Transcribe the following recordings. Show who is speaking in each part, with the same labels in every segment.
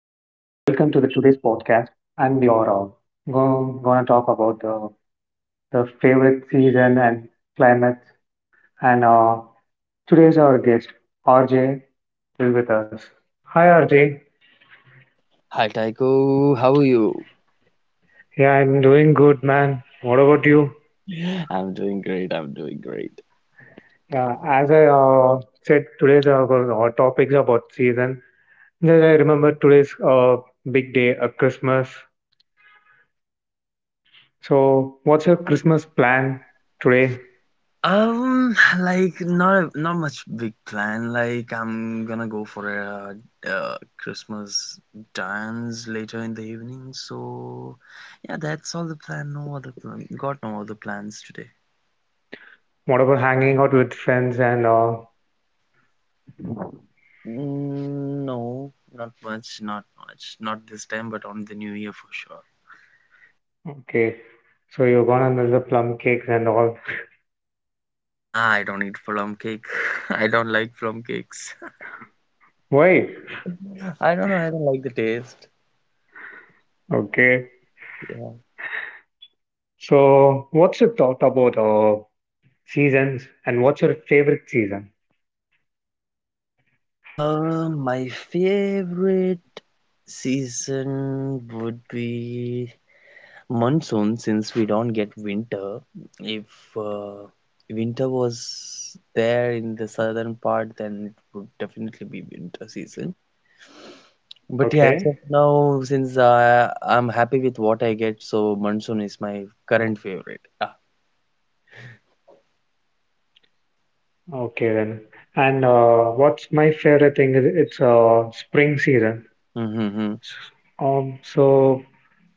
Speaker 1: to the today's podcast. And we are gonna talk about the favorite season and climates. And today's our guest RJ is with us. Hi RJ.
Speaker 2: Hi Tycho, how are you?
Speaker 1: Yeah, I'm doing good, man. What about you?
Speaker 2: I'm doing great. I'm doing great.
Speaker 1: Yeah, as I said, today's our topics about season. Just I remember today's big day, Christmas. So, what's your Christmas plan today?
Speaker 2: Like not much big plan. Like I'm gonna go for a, uh Christmas dance later in the evening. So yeah, that's all the plan. No other plan. Got no other plans today.
Speaker 1: Whatever, hanging out with friends and
Speaker 2: Mm, no, not much. Not much. Not this time, but on the new year for sure.
Speaker 1: okay. So you're gonna miss the plum cakes and all.
Speaker 2: Ah, I don't eat plum cake. I don't like plum cakes.
Speaker 1: Why?
Speaker 2: I don't know. I don't like the taste.
Speaker 1: Okay.
Speaker 2: Yeah.
Speaker 1: So what's your thought about seasons and what's your favorite season?
Speaker 2: My favorite season would be monsoon since we don't get winter. If uh, winter was there in the southern part, then it would definitely be winter season. But yeah, as
Speaker 1: Okay.
Speaker 2: of now, since I'm happy with what I get, so monsoon is my current favorite. Ah.
Speaker 1: Okay then. And what's my favorite thing is it's spring season.
Speaker 2: Mm-hmm.
Speaker 1: S- so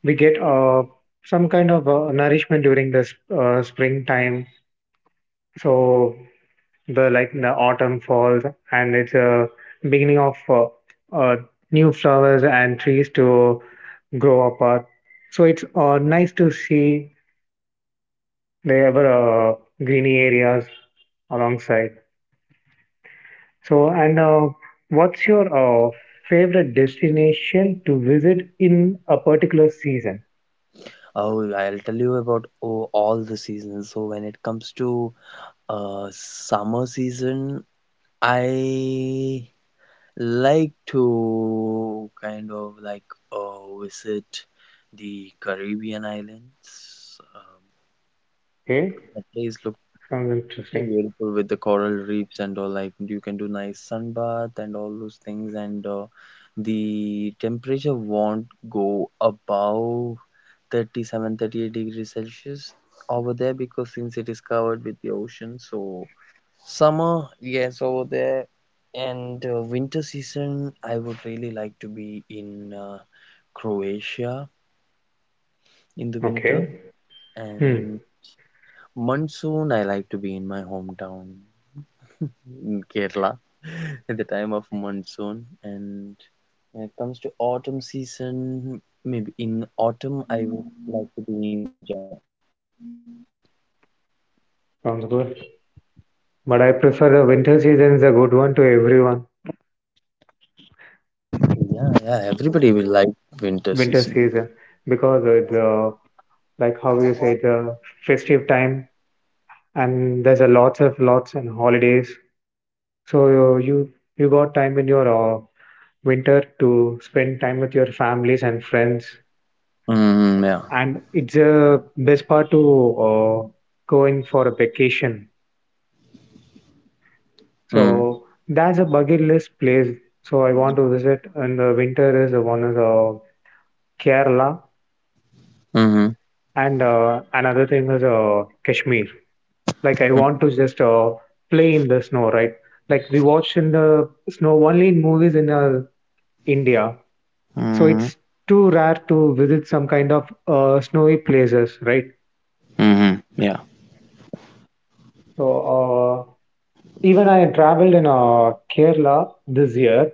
Speaker 1: we get some kind of nourishment during this springtime. So the, like, the autumn falls and it's a beginning of uh, new flowers and trees to grow apart, so it's nice to see the ever uh, greeny areas alongside. So and what's your favorite destination to visit in a particular season?
Speaker 2: Oh, I'll tell you about all the seasons. So when it comes to summer season, I like to kind of like visit the Caribbean islands.
Speaker 1: Okay.
Speaker 2: The place looks
Speaker 1: Sounds
Speaker 2: so
Speaker 1: interesting.
Speaker 2: beautiful with the coral reefs and all. Like you can do nice sunbath and all those things. And the temperature won't go above 37, 38 degrees Celsius over there, because since it is covered with the ocean, so summer, yes, over there, and winter season, I would really like to be in Croatia in the winter,
Speaker 1: Okay. Hmm.
Speaker 2: and monsoon, I like to be in my hometown, in Kerala, at the time of monsoon. And when it comes to autumn season, maybe in autumn, I would like to be in Japan.
Speaker 1: Sounds good, but I prefer the winter season is a good one to everyone.
Speaker 2: Yeah, yeah, everybody will like winter season.
Speaker 1: Winter season, because the, like, how you say, the festive time, and there's a lots of lots and holidays. So you you got time in your winter to spend time with your families and friends,
Speaker 2: Mm, yeah.
Speaker 1: and it's a best part to uh, going for a vacation.
Speaker 2: Mm,
Speaker 1: So that's a bucket list place. So I want to visit in the winter is one is Kerala,
Speaker 2: mm-hmm.
Speaker 1: and another thing is Kashmir. Like I want
Speaker 2: Mm-hmm.
Speaker 1: to just play in the snow, right? Like we watch in the snow only in movies in India, so
Speaker 2: Mm-hmm.
Speaker 1: it's too rare to visit some kind of snowy places, right?
Speaker 2: Mhm. Yeah.
Speaker 1: So uh, even I traveled in Kerala this year,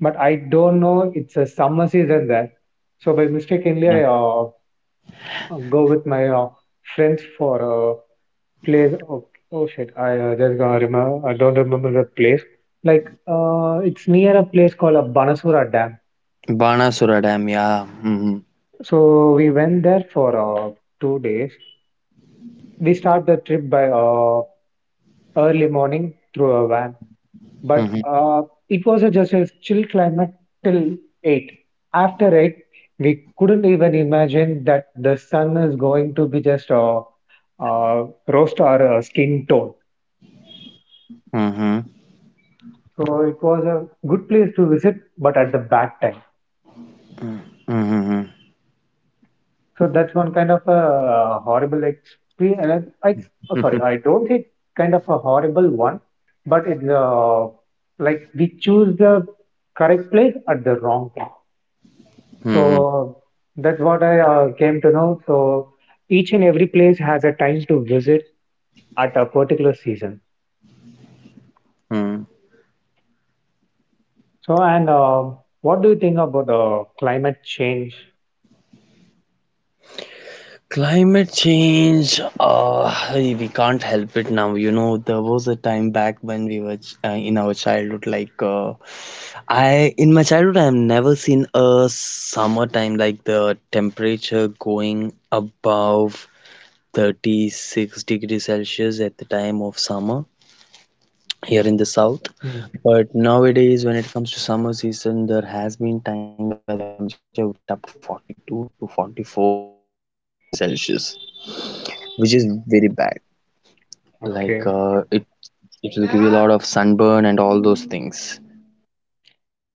Speaker 1: but I don't know it's a summer season there. So by mistakenly,
Speaker 2: Yeah.
Speaker 1: I go with my friends for place. Oh, oh shit. I just gonna remember. I don't remember the place. Like, it's near a place called a Banasura Dam.
Speaker 2: Banasura Dam. Yeah. Mhm.
Speaker 1: So we went there for two days. We start the trip by early morning through a van, but
Speaker 2: Mhm.
Speaker 1: it was just a chill climate till eight. After eight, we couldn't even imagine that the sun is going to be just roast our skin tone.
Speaker 2: Mhm.
Speaker 1: So it was a good place to visit, but at the bad time.
Speaker 2: Mhm. Mhm.
Speaker 1: So that's one kind of a horrible experience. Oh, sorry,
Speaker 2: Mhm.
Speaker 1: I don't think kind of a horrible one, but it's like we choose the correct place at the wrong time.
Speaker 2: Mhm.
Speaker 1: So that's what I came to know. So each and every place has a time to visit at a particular season.
Speaker 2: Mhm.
Speaker 1: So and what do you think about the climate change?
Speaker 2: Climate change, we can't help it now. You know, there was a time back when we were in our childhood, like I in my childhood, I've never seen a summertime like the temperature going above 36 degrees Celsius at the time of summer here in the south.
Speaker 1: Hmm.
Speaker 2: But nowadays, when it comes to summer season, there has been times where the temperature went up to 42 to 44 degrees Celsius, which is very bad. Like
Speaker 1: Okay.
Speaker 2: it will give you a lot of sunburn and all those things.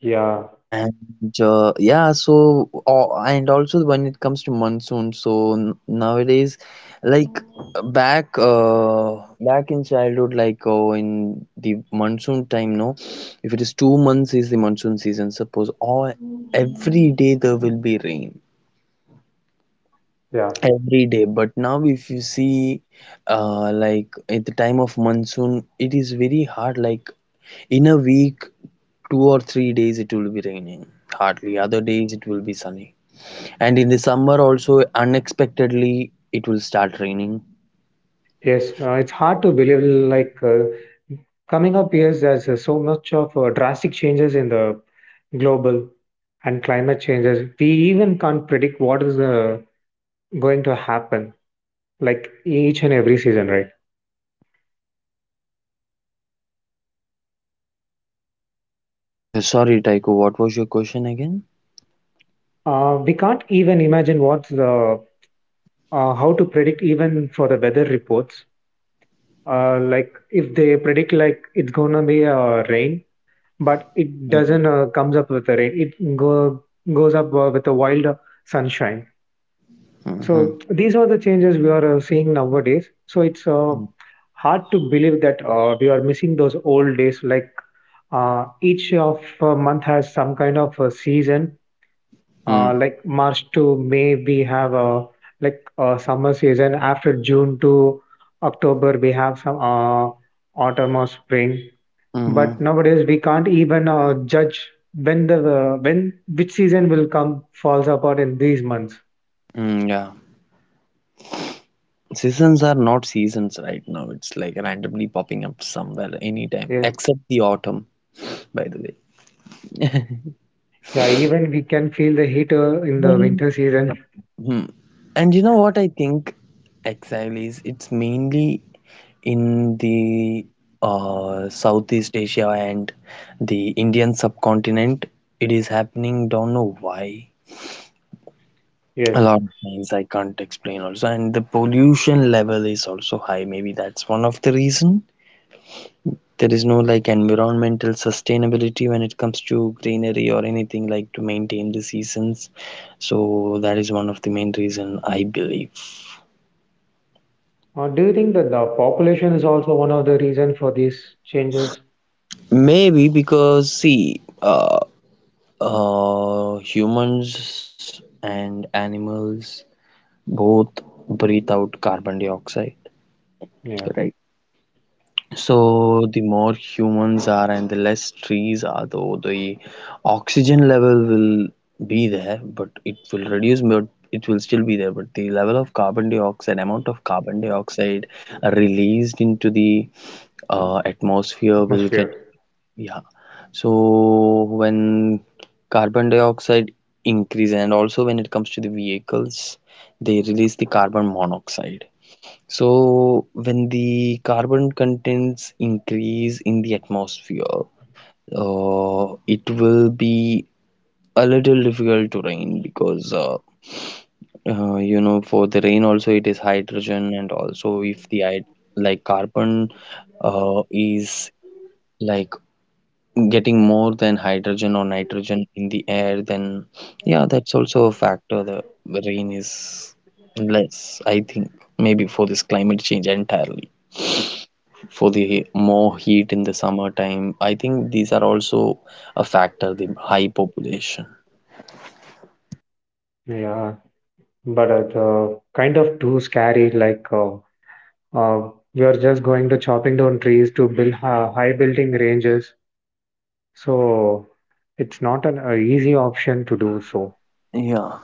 Speaker 1: Yeah.
Speaker 2: And yeah, and also when it comes to monsoon, so nowadays, like back in childhood, like in the monsoon time, no, if it is 2 months is the monsoon season, suppose all every day there will be rain
Speaker 1: Yeah.
Speaker 2: every day. But now if you see, like at the time of monsoon, it is very hard. Like in a week, 2 or 3 days it will be raining. Hardly other days it will be sunny. And in the summer also unexpectedly it will start raining.
Speaker 1: Yes, it's hard to believe like coming up years, there's so much of drastic changes in the global and climate changes. We even can't predict what is going to happen like each and every season, right?
Speaker 2: Sorry, Taiko, what was your question again?
Speaker 1: We can't even imagine what's the how to predict even for the weather reports. Like if they predict like it's gonna be rain, but it doesn't comes up with the rain. It go goes up with a wild sunshine.
Speaker 2: Mm-hmm.
Speaker 1: So these are the changes we are seeing nowadays. So it's
Speaker 2: Mm-hmm.
Speaker 1: hard to believe that we are missing those old days. Like each of month has some kind of a season. Like March to May, we have like a summer season. After June to October, we have some autumn or spring. But
Speaker 2: Mm-hmm.
Speaker 1: nowadays, we can't even judge when the when which season will come falls apart in these months.
Speaker 2: Mm, yeah. Seasons are not seasons right now. It's like randomly popping up somewhere anytime,
Speaker 1: Yes.
Speaker 2: except the autumn, by the way.
Speaker 1: Yeah, even we can feel the heat in the winter season.
Speaker 2: Mhm. And you know what I think exile is? It's mainly in the Southeast Asia and the Indian subcontinent. It is happening, don't know why. A
Speaker 1: Yes.
Speaker 2: lot of things I can't explain also, and the pollution level is also high. Maybe that's one of the reason. There is no like environmental sustainability when it comes to greenery or anything like to maintain the seasons. So that is one of the main reason I believe.
Speaker 1: Do you think that the population is also one of the reason for these changes?
Speaker 2: Maybe because see, humans and animals both breathe out carbon dioxide.
Speaker 1: Yeah,
Speaker 2: Right. So the more humans are and the less trees are, though the oxygen level will be there, but it will reduce, but it will still be there. But the level of carbon dioxide, amount of carbon dioxide released into the atmosphere will get.
Speaker 1: atmosphere.
Speaker 2: Yeah. So when carbon dioxide increase and also when it comes to the vehicles, they release the carbon monoxide. So when the carbon contents increase in the atmosphere, it will be a little difficult to rain, because for the rain also it is hydrogen, and also if the like carbon is like getting more than hydrogen or nitrogen in the air, then yeah, that's also a factor. The rain is less, I think. Maybe for this climate change entirely, for the more heat in the summertime, I think these are also a factor, the high population.
Speaker 1: Yeah, but it's the kind of too scary. Like uh, we are just going to chopping down trees to build high building ranges. So it's not an easy option to do so.
Speaker 2: Yeah.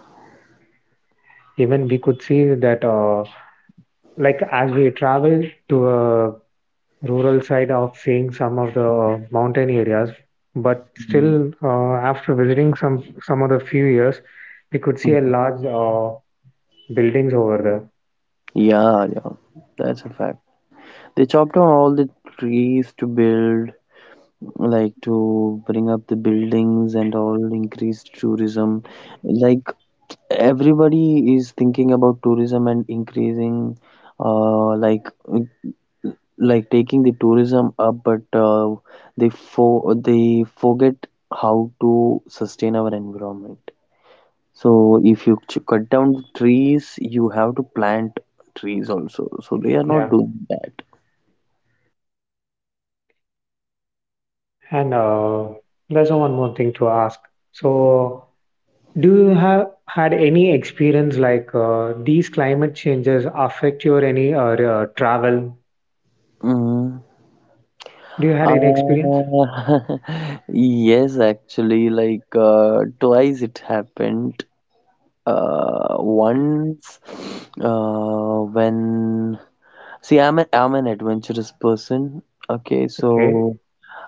Speaker 1: Even we could see that, like as we travel to a rural side of seeing some of the mountain areas, but
Speaker 2: Mm.
Speaker 1: still after visiting some of the few years, we could see a large buildings over there.
Speaker 2: Yeah, yeah, that's a fact. They chopped down all the trees to build, like, to bring up the buildings and all, increase tourism. Like, everybody is thinking about tourism and increasing uh like like taking the tourism up, but they forget how to sustain our environment. So if you cut down the trees, you have to plant trees also. So they are not
Speaker 1: Yeah,
Speaker 2: doing that.
Speaker 1: and there's one more thing to ask. So do you have had any experience like these climate changes affect your any travel,
Speaker 2: Mhm.
Speaker 1: do you had any experience?
Speaker 2: Uh, yes, actually, like twice it happened. Once, when see, I'm an adventurous person. Okay,
Speaker 1: Okay.
Speaker 2: so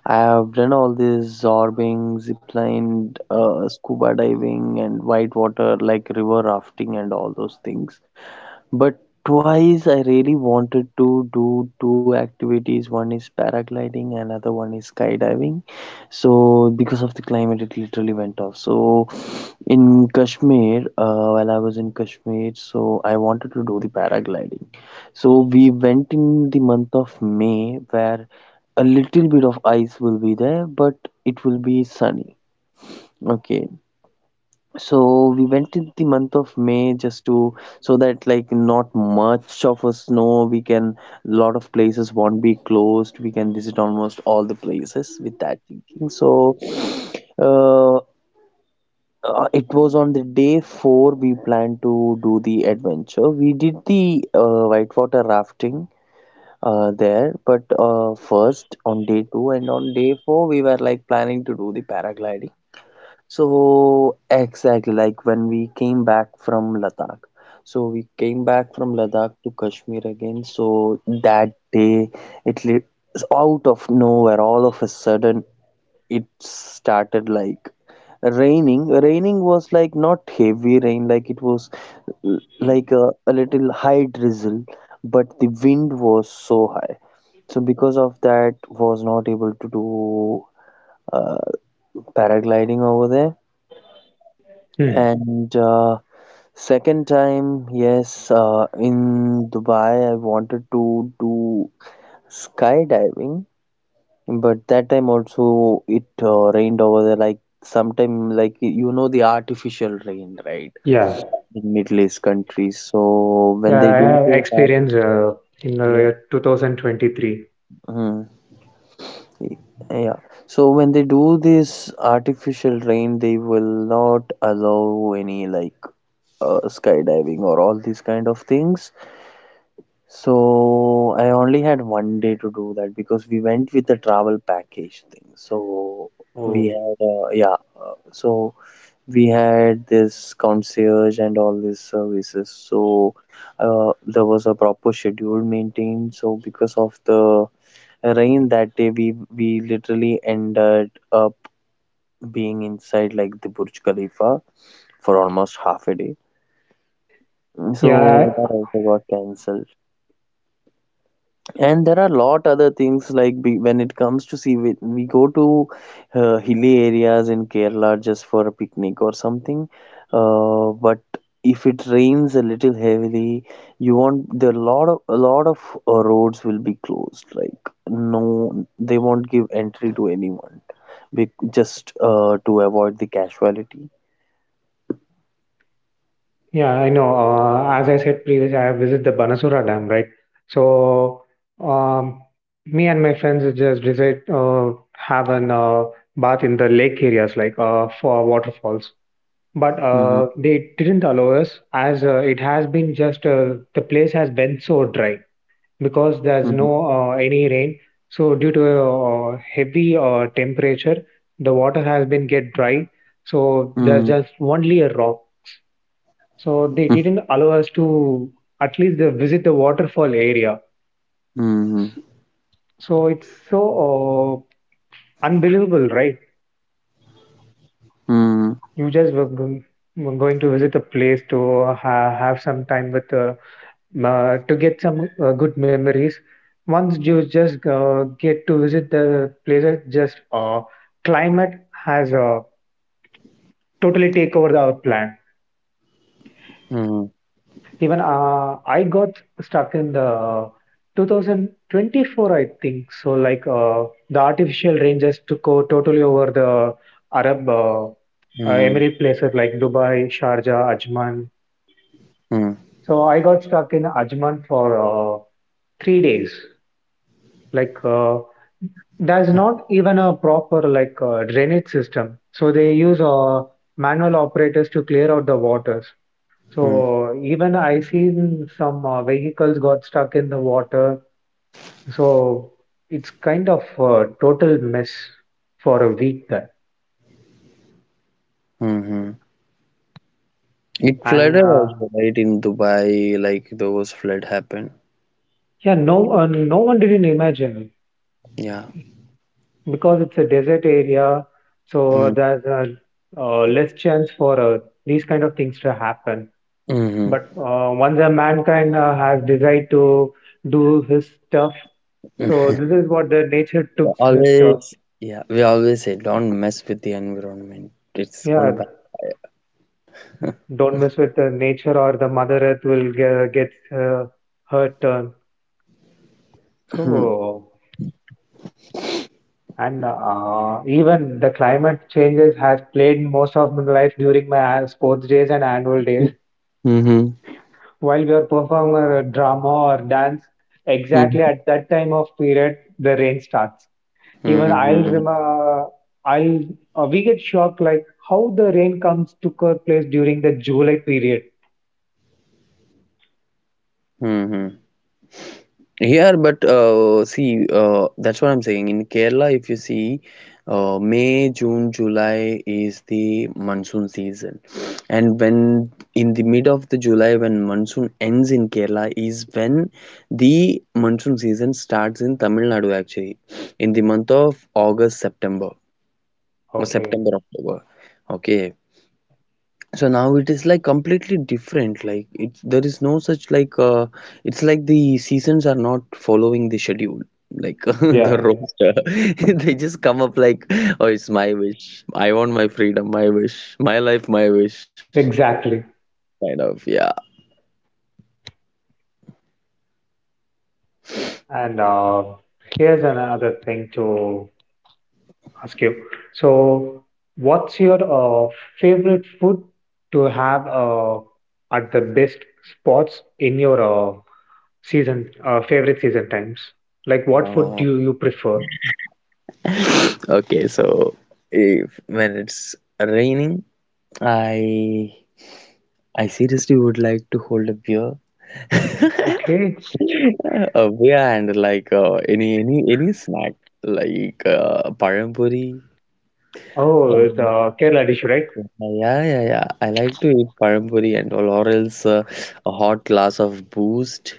Speaker 2: I have done all this zorbing, zipline, scuba diving, and whitewater like river rafting and all those things. But twice I really wanted to do two activities. One is paragliding, another one is skydiving. So because of the climate, it literally went off. So in Kashmir, while I was in Kashmir, so I wanted to do the paragliding. So we went in the month of May, where a little bit of ice will be there, but it will be sunny. Okay, so we went in the month of May just to so that, like, not much of a snow, we can, lot of places won't be closed, we can visit almost all the places with that thinking. So uh, it was on the day 4 we planned to do the adventure. We did the whitewater rafting there, but first on day 2, and on day 4 we were like planning to do the paragliding, so exactly like when we came back from Ladakh. So we came back from Ladakh to Kashmir again. So that day, it lit out of nowhere, all of a sudden, it started like raining. Raining was like not heavy rain, like it was like a little high drizzle, but the wind was so high. So because of that, was not able to do uh, paragliding over there
Speaker 1: Hmm.
Speaker 2: and. Second time, yes, in Dubai, I wanted to do skydiving, but that time also it rained over there. Like sometime, like the artificial rain, right?
Speaker 1: Yeah,
Speaker 2: In Middle East countries. So when
Speaker 1: yeah,
Speaker 2: they
Speaker 1: I
Speaker 2: do
Speaker 1: have
Speaker 2: those
Speaker 1: experience
Speaker 2: artificial,
Speaker 1: in
Speaker 2: yeah,
Speaker 1: the 2023.
Speaker 2: hmm, y- yeah. So when they do this artificial rain, they will not allow any like skydiving or all these kind of things. So I only had one day to do that because we went with the travel package thing. So we
Speaker 1: Oh.
Speaker 2: had, yeah, so we had this concierge and all these services. So there was a proper schedule maintained. So because of the rain that day, we literally ended up being inside like the Burj Khalifa for almost half a day.
Speaker 1: Yeah,
Speaker 2: So that
Speaker 1: I-
Speaker 2: also got cancelled. And there are a lot other things like, when it comes to see, we go to hilly areas in Kerala just for a picnic or something, but if it rains a little heavily, you want the lot of a lot of roads will be closed, like no, they won't give entry to anyone, just to avoid the casualty.
Speaker 1: yeah, I know. As I said previously, I have visited the Banasura Dam, right? So, um, me and my friends just decide have an bath in the lake areas, like for waterfalls. But
Speaker 2: Hmm.
Speaker 1: they didn't allow us, as it has been just the place has been so dry because there's
Speaker 2: Hmm.
Speaker 1: no any rain. So, due to heavy temperature, the water has been get dry. So
Speaker 2: Hmm.
Speaker 1: there's just only a rock. So they didn't allow us to at least visit the waterfall area.
Speaker 2: Hmm.
Speaker 1: So it's so uh, unbelievable, right?
Speaker 2: Hmm. Hmm.
Speaker 1: You just were going to visit a place to have some time with to get some good memories. Once you just get to visit the places, just climate has totally take over our plan. Even I got stuck in the 2024, I think. So, like the artificial rain just took totally over the Arab
Speaker 2: Hmm.
Speaker 1: Emirate places like Dubai, Sharjah, Ajman.
Speaker 2: Hmm.
Speaker 1: So I got stuck in Ajman for three days. Like there's not even a proper like drainage system. So they use manual operators to clear out the waters.
Speaker 2: Hmm.
Speaker 1: So even I seen some vehicles got stuck in the water. So it's kind of a total mess for a week there.
Speaker 2: Hmm. It
Speaker 1: And
Speaker 2: flooded also, right, in Dubai, like those flood happened.
Speaker 1: yeah, no, no one didn't imagine,
Speaker 2: Yeah.
Speaker 1: because it's a desert area. So
Speaker 2: Mm,
Speaker 1: there's a less chance for these kind of things to happen.
Speaker 2: mm-hmm.
Speaker 1: But once a mankind has decided to do his stuff, so this is what the nature took his stuff.
Speaker 2: Always, yeah, we always say don't mess with the environment. It's gonna
Speaker 1: Yeah,
Speaker 2: backfire.
Speaker 1: don't mess with the nature, or the mother earth will get uh, hurt turn. So and even the climate changes has played most of my life during my sports days and annual days,
Speaker 2: Mm-hmm.
Speaker 1: while we are performing a drama or dance, exactly
Speaker 2: Mm-hmm.
Speaker 1: at that time of period the rain starts. Even
Speaker 2: Mm-hmm.
Speaker 1: I'll remember, I'll we get shocked like how the rain comes to our place during the July period.
Speaker 2: Mm-hmm. Here, but see, that's what I'm saying. In Kerala, if you see, May, June, July is the monsoon season, and when in the mid of the July, when monsoon ends in Kerala, is when the monsoon season starts in Tamil Nadu. Actually, in the month of August, September or
Speaker 1: Okay.
Speaker 2: September, October. Okay, so now it is like completely different, like it there is no such, like it's like the seasons are not following the schedule, like
Speaker 1: Yeah,
Speaker 2: the roster they just come up like, oh, it's my wish, I want my freedom, my wish, my life, my wish,
Speaker 1: exactly.
Speaker 2: kind of. Yeah.
Speaker 1: And here's another thing to ask you. So, what's your favorite food to have at the best spots in your season, favorite season times? Like, what food
Speaker 2: Oh,
Speaker 1: do you prefer?
Speaker 2: okay, so if when it's raining, i I seriously would like to hold a beer.
Speaker 1: Okay.
Speaker 2: Oh, yeah, and like any snack, like parampuri.
Speaker 1: Oh, it's
Speaker 2: Um,
Speaker 1: a Kerala dish, right?
Speaker 2: yeah, yeah, yeah. I like to eat parampuri and all, or else a hot glass of boost,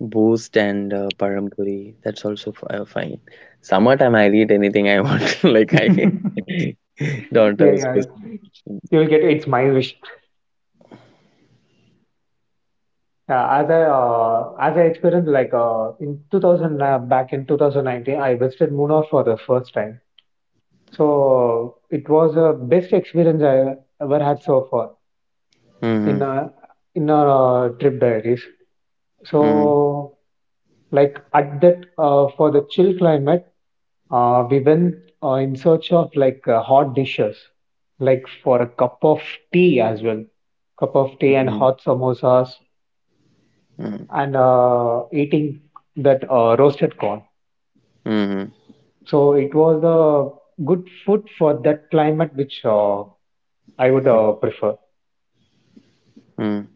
Speaker 2: and parampuri. That's also f fine. Summertime, I'll eat anything I want. Like I
Speaker 1: Yeah,
Speaker 2: don't have a
Speaker 1: yeah.
Speaker 2: specific.
Speaker 1: You'll get it's my wish. As I experienced like in 2000 back in 2019, I visited Munnar for the first time. So it was the best experience I ever had so far
Speaker 2: Mm-hmm,
Speaker 1: in a in a trip diaries.
Speaker 2: mm-hmm,
Speaker 1: So like at that for the chill climate, we went in search of like hot dishes, like for a cup of tea as well, cup of tea and
Speaker 2: mm-hmm,
Speaker 1: hot samosas, and eating that roasted corn.
Speaker 2: mm-hmm.
Speaker 1: So it was a good food for that climate which I would prefer.
Speaker 2: Mm.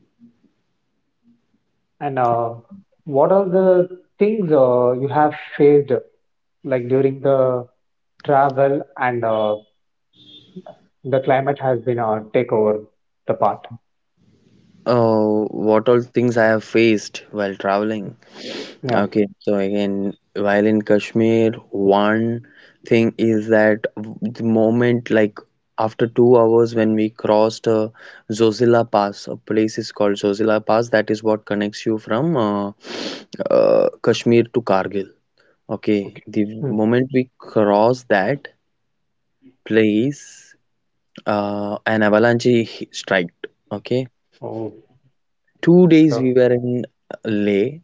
Speaker 1: And what are the things you have faced like during the travel and the climate has been take over the part?
Speaker 2: Oh, what all things I have faced while traveling.
Speaker 1: Yeah.
Speaker 2: Okay, so again, while in Kashmir, one thing is that the moment, like after 2 hours, when we crossed Zozila Pass, a place is called Zozila Pass, that is what connects you from Kashmir to Kargil. Okay,
Speaker 1: Okay.
Speaker 2: the
Speaker 1: Hmm.
Speaker 2: moment we crossed that place, an avalanche striked. Okay,
Speaker 1: Oh,
Speaker 2: 2 days we
Speaker 1: so
Speaker 2: were in Leh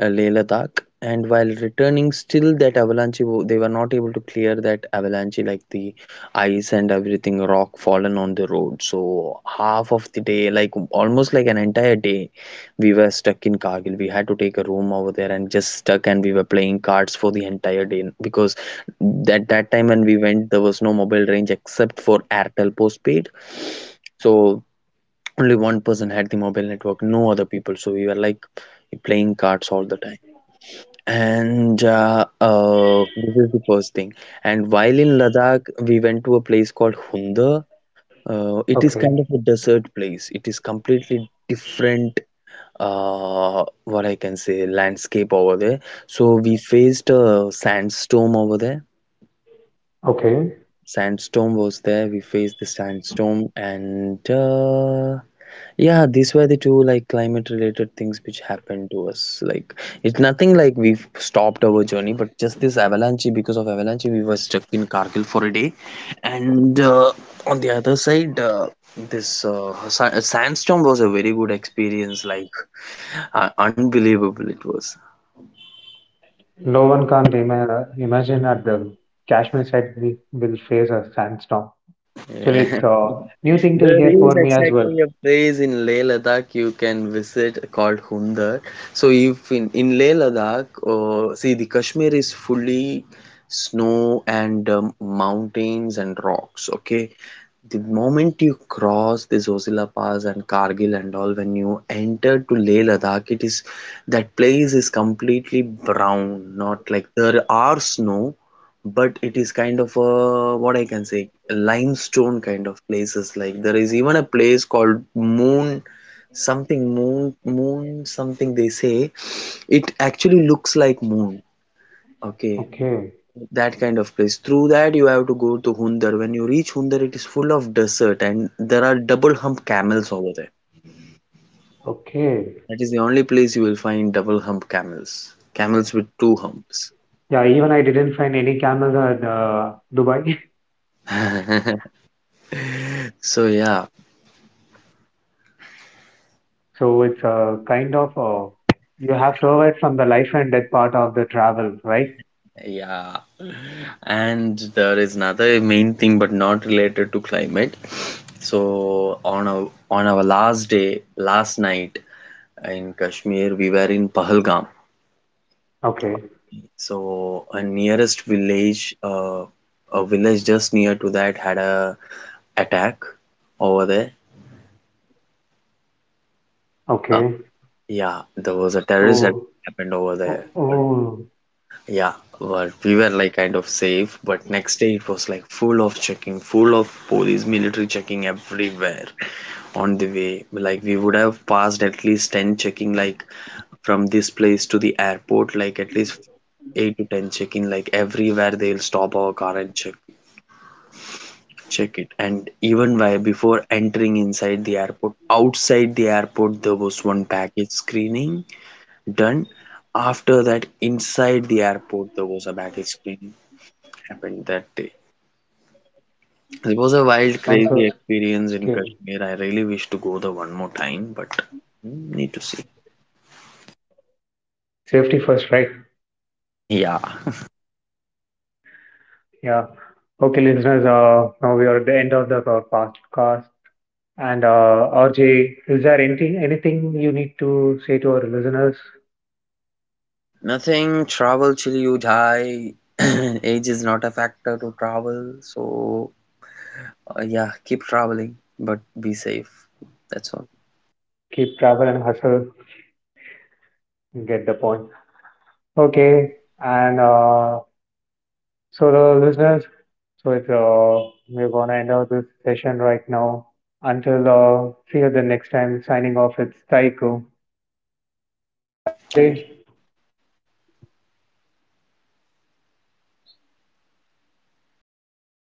Speaker 2: Leh Ladakh. And while returning, still that avalanche, they were not able to clear that avalanche, like the ice and everything, rock fallen on the road. So half of the day, like almost like an entire day, we were stuck in Kargil. We had to take a room over there and just stuck, and we were playing cards for the entire day because that time when we went, there was no mobile range except for Airtel postpaid. So only one person had the mobile network, no other people. So we were like playing cards all the time. And this is the first thing. And while in Ladakh, we went to a place called Hunza. It is kind of
Speaker 1: okay,
Speaker 2: a desert place. It is completely different, what I can say, landscape over there. So we faced a sandstorm over there.
Speaker 1: okay.
Speaker 2: Sandstorm was there. We faced the sandstorm, and yeah, these were the two like climate related things which happened to us. Like it's nothing like we've stopped our journey, but just this avalanche, because of avalanche we were stuck in Kargil for a day, and on the other side, this sandstorm was a very good experience. Like unbelievable it was.
Speaker 1: No one can imagine that the Kashmir side we will face a sandstorm.
Speaker 2: Yeah.
Speaker 1: Actually, it's a new thing to
Speaker 2: There
Speaker 1: hear
Speaker 2: is
Speaker 1: for me as well.
Speaker 2: exactly a place in Leh Ladakh you can visit called Hundar. So if in Leh Ladakh, see, the Kashmir is fully snow and mountains and rocks. Okay, the moment you cross the Zoshila Pass and Kargil and all, when you enter to Leh Ladakh, it is that place is completely brown. Not like there are snow, but it is kind of a, what I can say, a limestone kind of places. Like there is even a place called Moon, something Moon, Moon something they say. It actually looks like moon. Okay,
Speaker 1: Okay,
Speaker 2: that kind of place, through that you have to go to Hundar. When you reach Hundar, it is full of desert and there are double hump camels over there.
Speaker 1: okay.
Speaker 2: That is the only place you will find double hump camels, camels with two humps.
Speaker 1: Yeah, even I didn't find any camels at Dubai.
Speaker 2: So yeah,
Speaker 1: So it's a kind of you have survived from the life and death part of the travel, right?
Speaker 2: yeah. And there is another main thing, but not related to climate. So on our last day, last night in Kashmir, we were in Pahalgam.
Speaker 1: Okay,
Speaker 2: So a nearest village, a village just near to that, had a attack over there. Uh,
Speaker 1: okay.
Speaker 2: yeah, there was a terrorist attack
Speaker 1: So,
Speaker 2: happened over
Speaker 1: oh,
Speaker 2: there. But
Speaker 1: oh,
Speaker 2: yeah, well, we were like kind of safe. But next day it was like full of checking, full of police, military checking everywhere on the way. Like we would have passed at least 10 checking, like from this place to the airport, like at least 8 to 10 checking, like everywhere they'll stop our car and check it. And even while before entering inside the airport, outside the airport there was one package screening done. After that, inside the airport there was a baggage screening happened that day. It was
Speaker 1: sounds
Speaker 2: a
Speaker 1: so
Speaker 2: wild, crazy
Speaker 1: scary.
Speaker 2: experience in Kashmir. I really wish to go there one more time, but hmm, need to see.
Speaker 1: Safety first, right?
Speaker 2: Yeah,
Speaker 1: Yeah. Okay, listeners, now we are at the end of the our podcast. And RJ, is there anything you need to say to our listeners?
Speaker 2: nothing, travel till you die. Age is not a factor to travel. So yeah, keep traveling but be safe. That's all,
Speaker 1: Keep travel and hustle, get the point. Okay, and so, the listeners, so it's we're gonna end out this session right now. Until see you the next time. Signing off. It's Taiko.
Speaker 2: thank you.
Speaker 1: Namaste.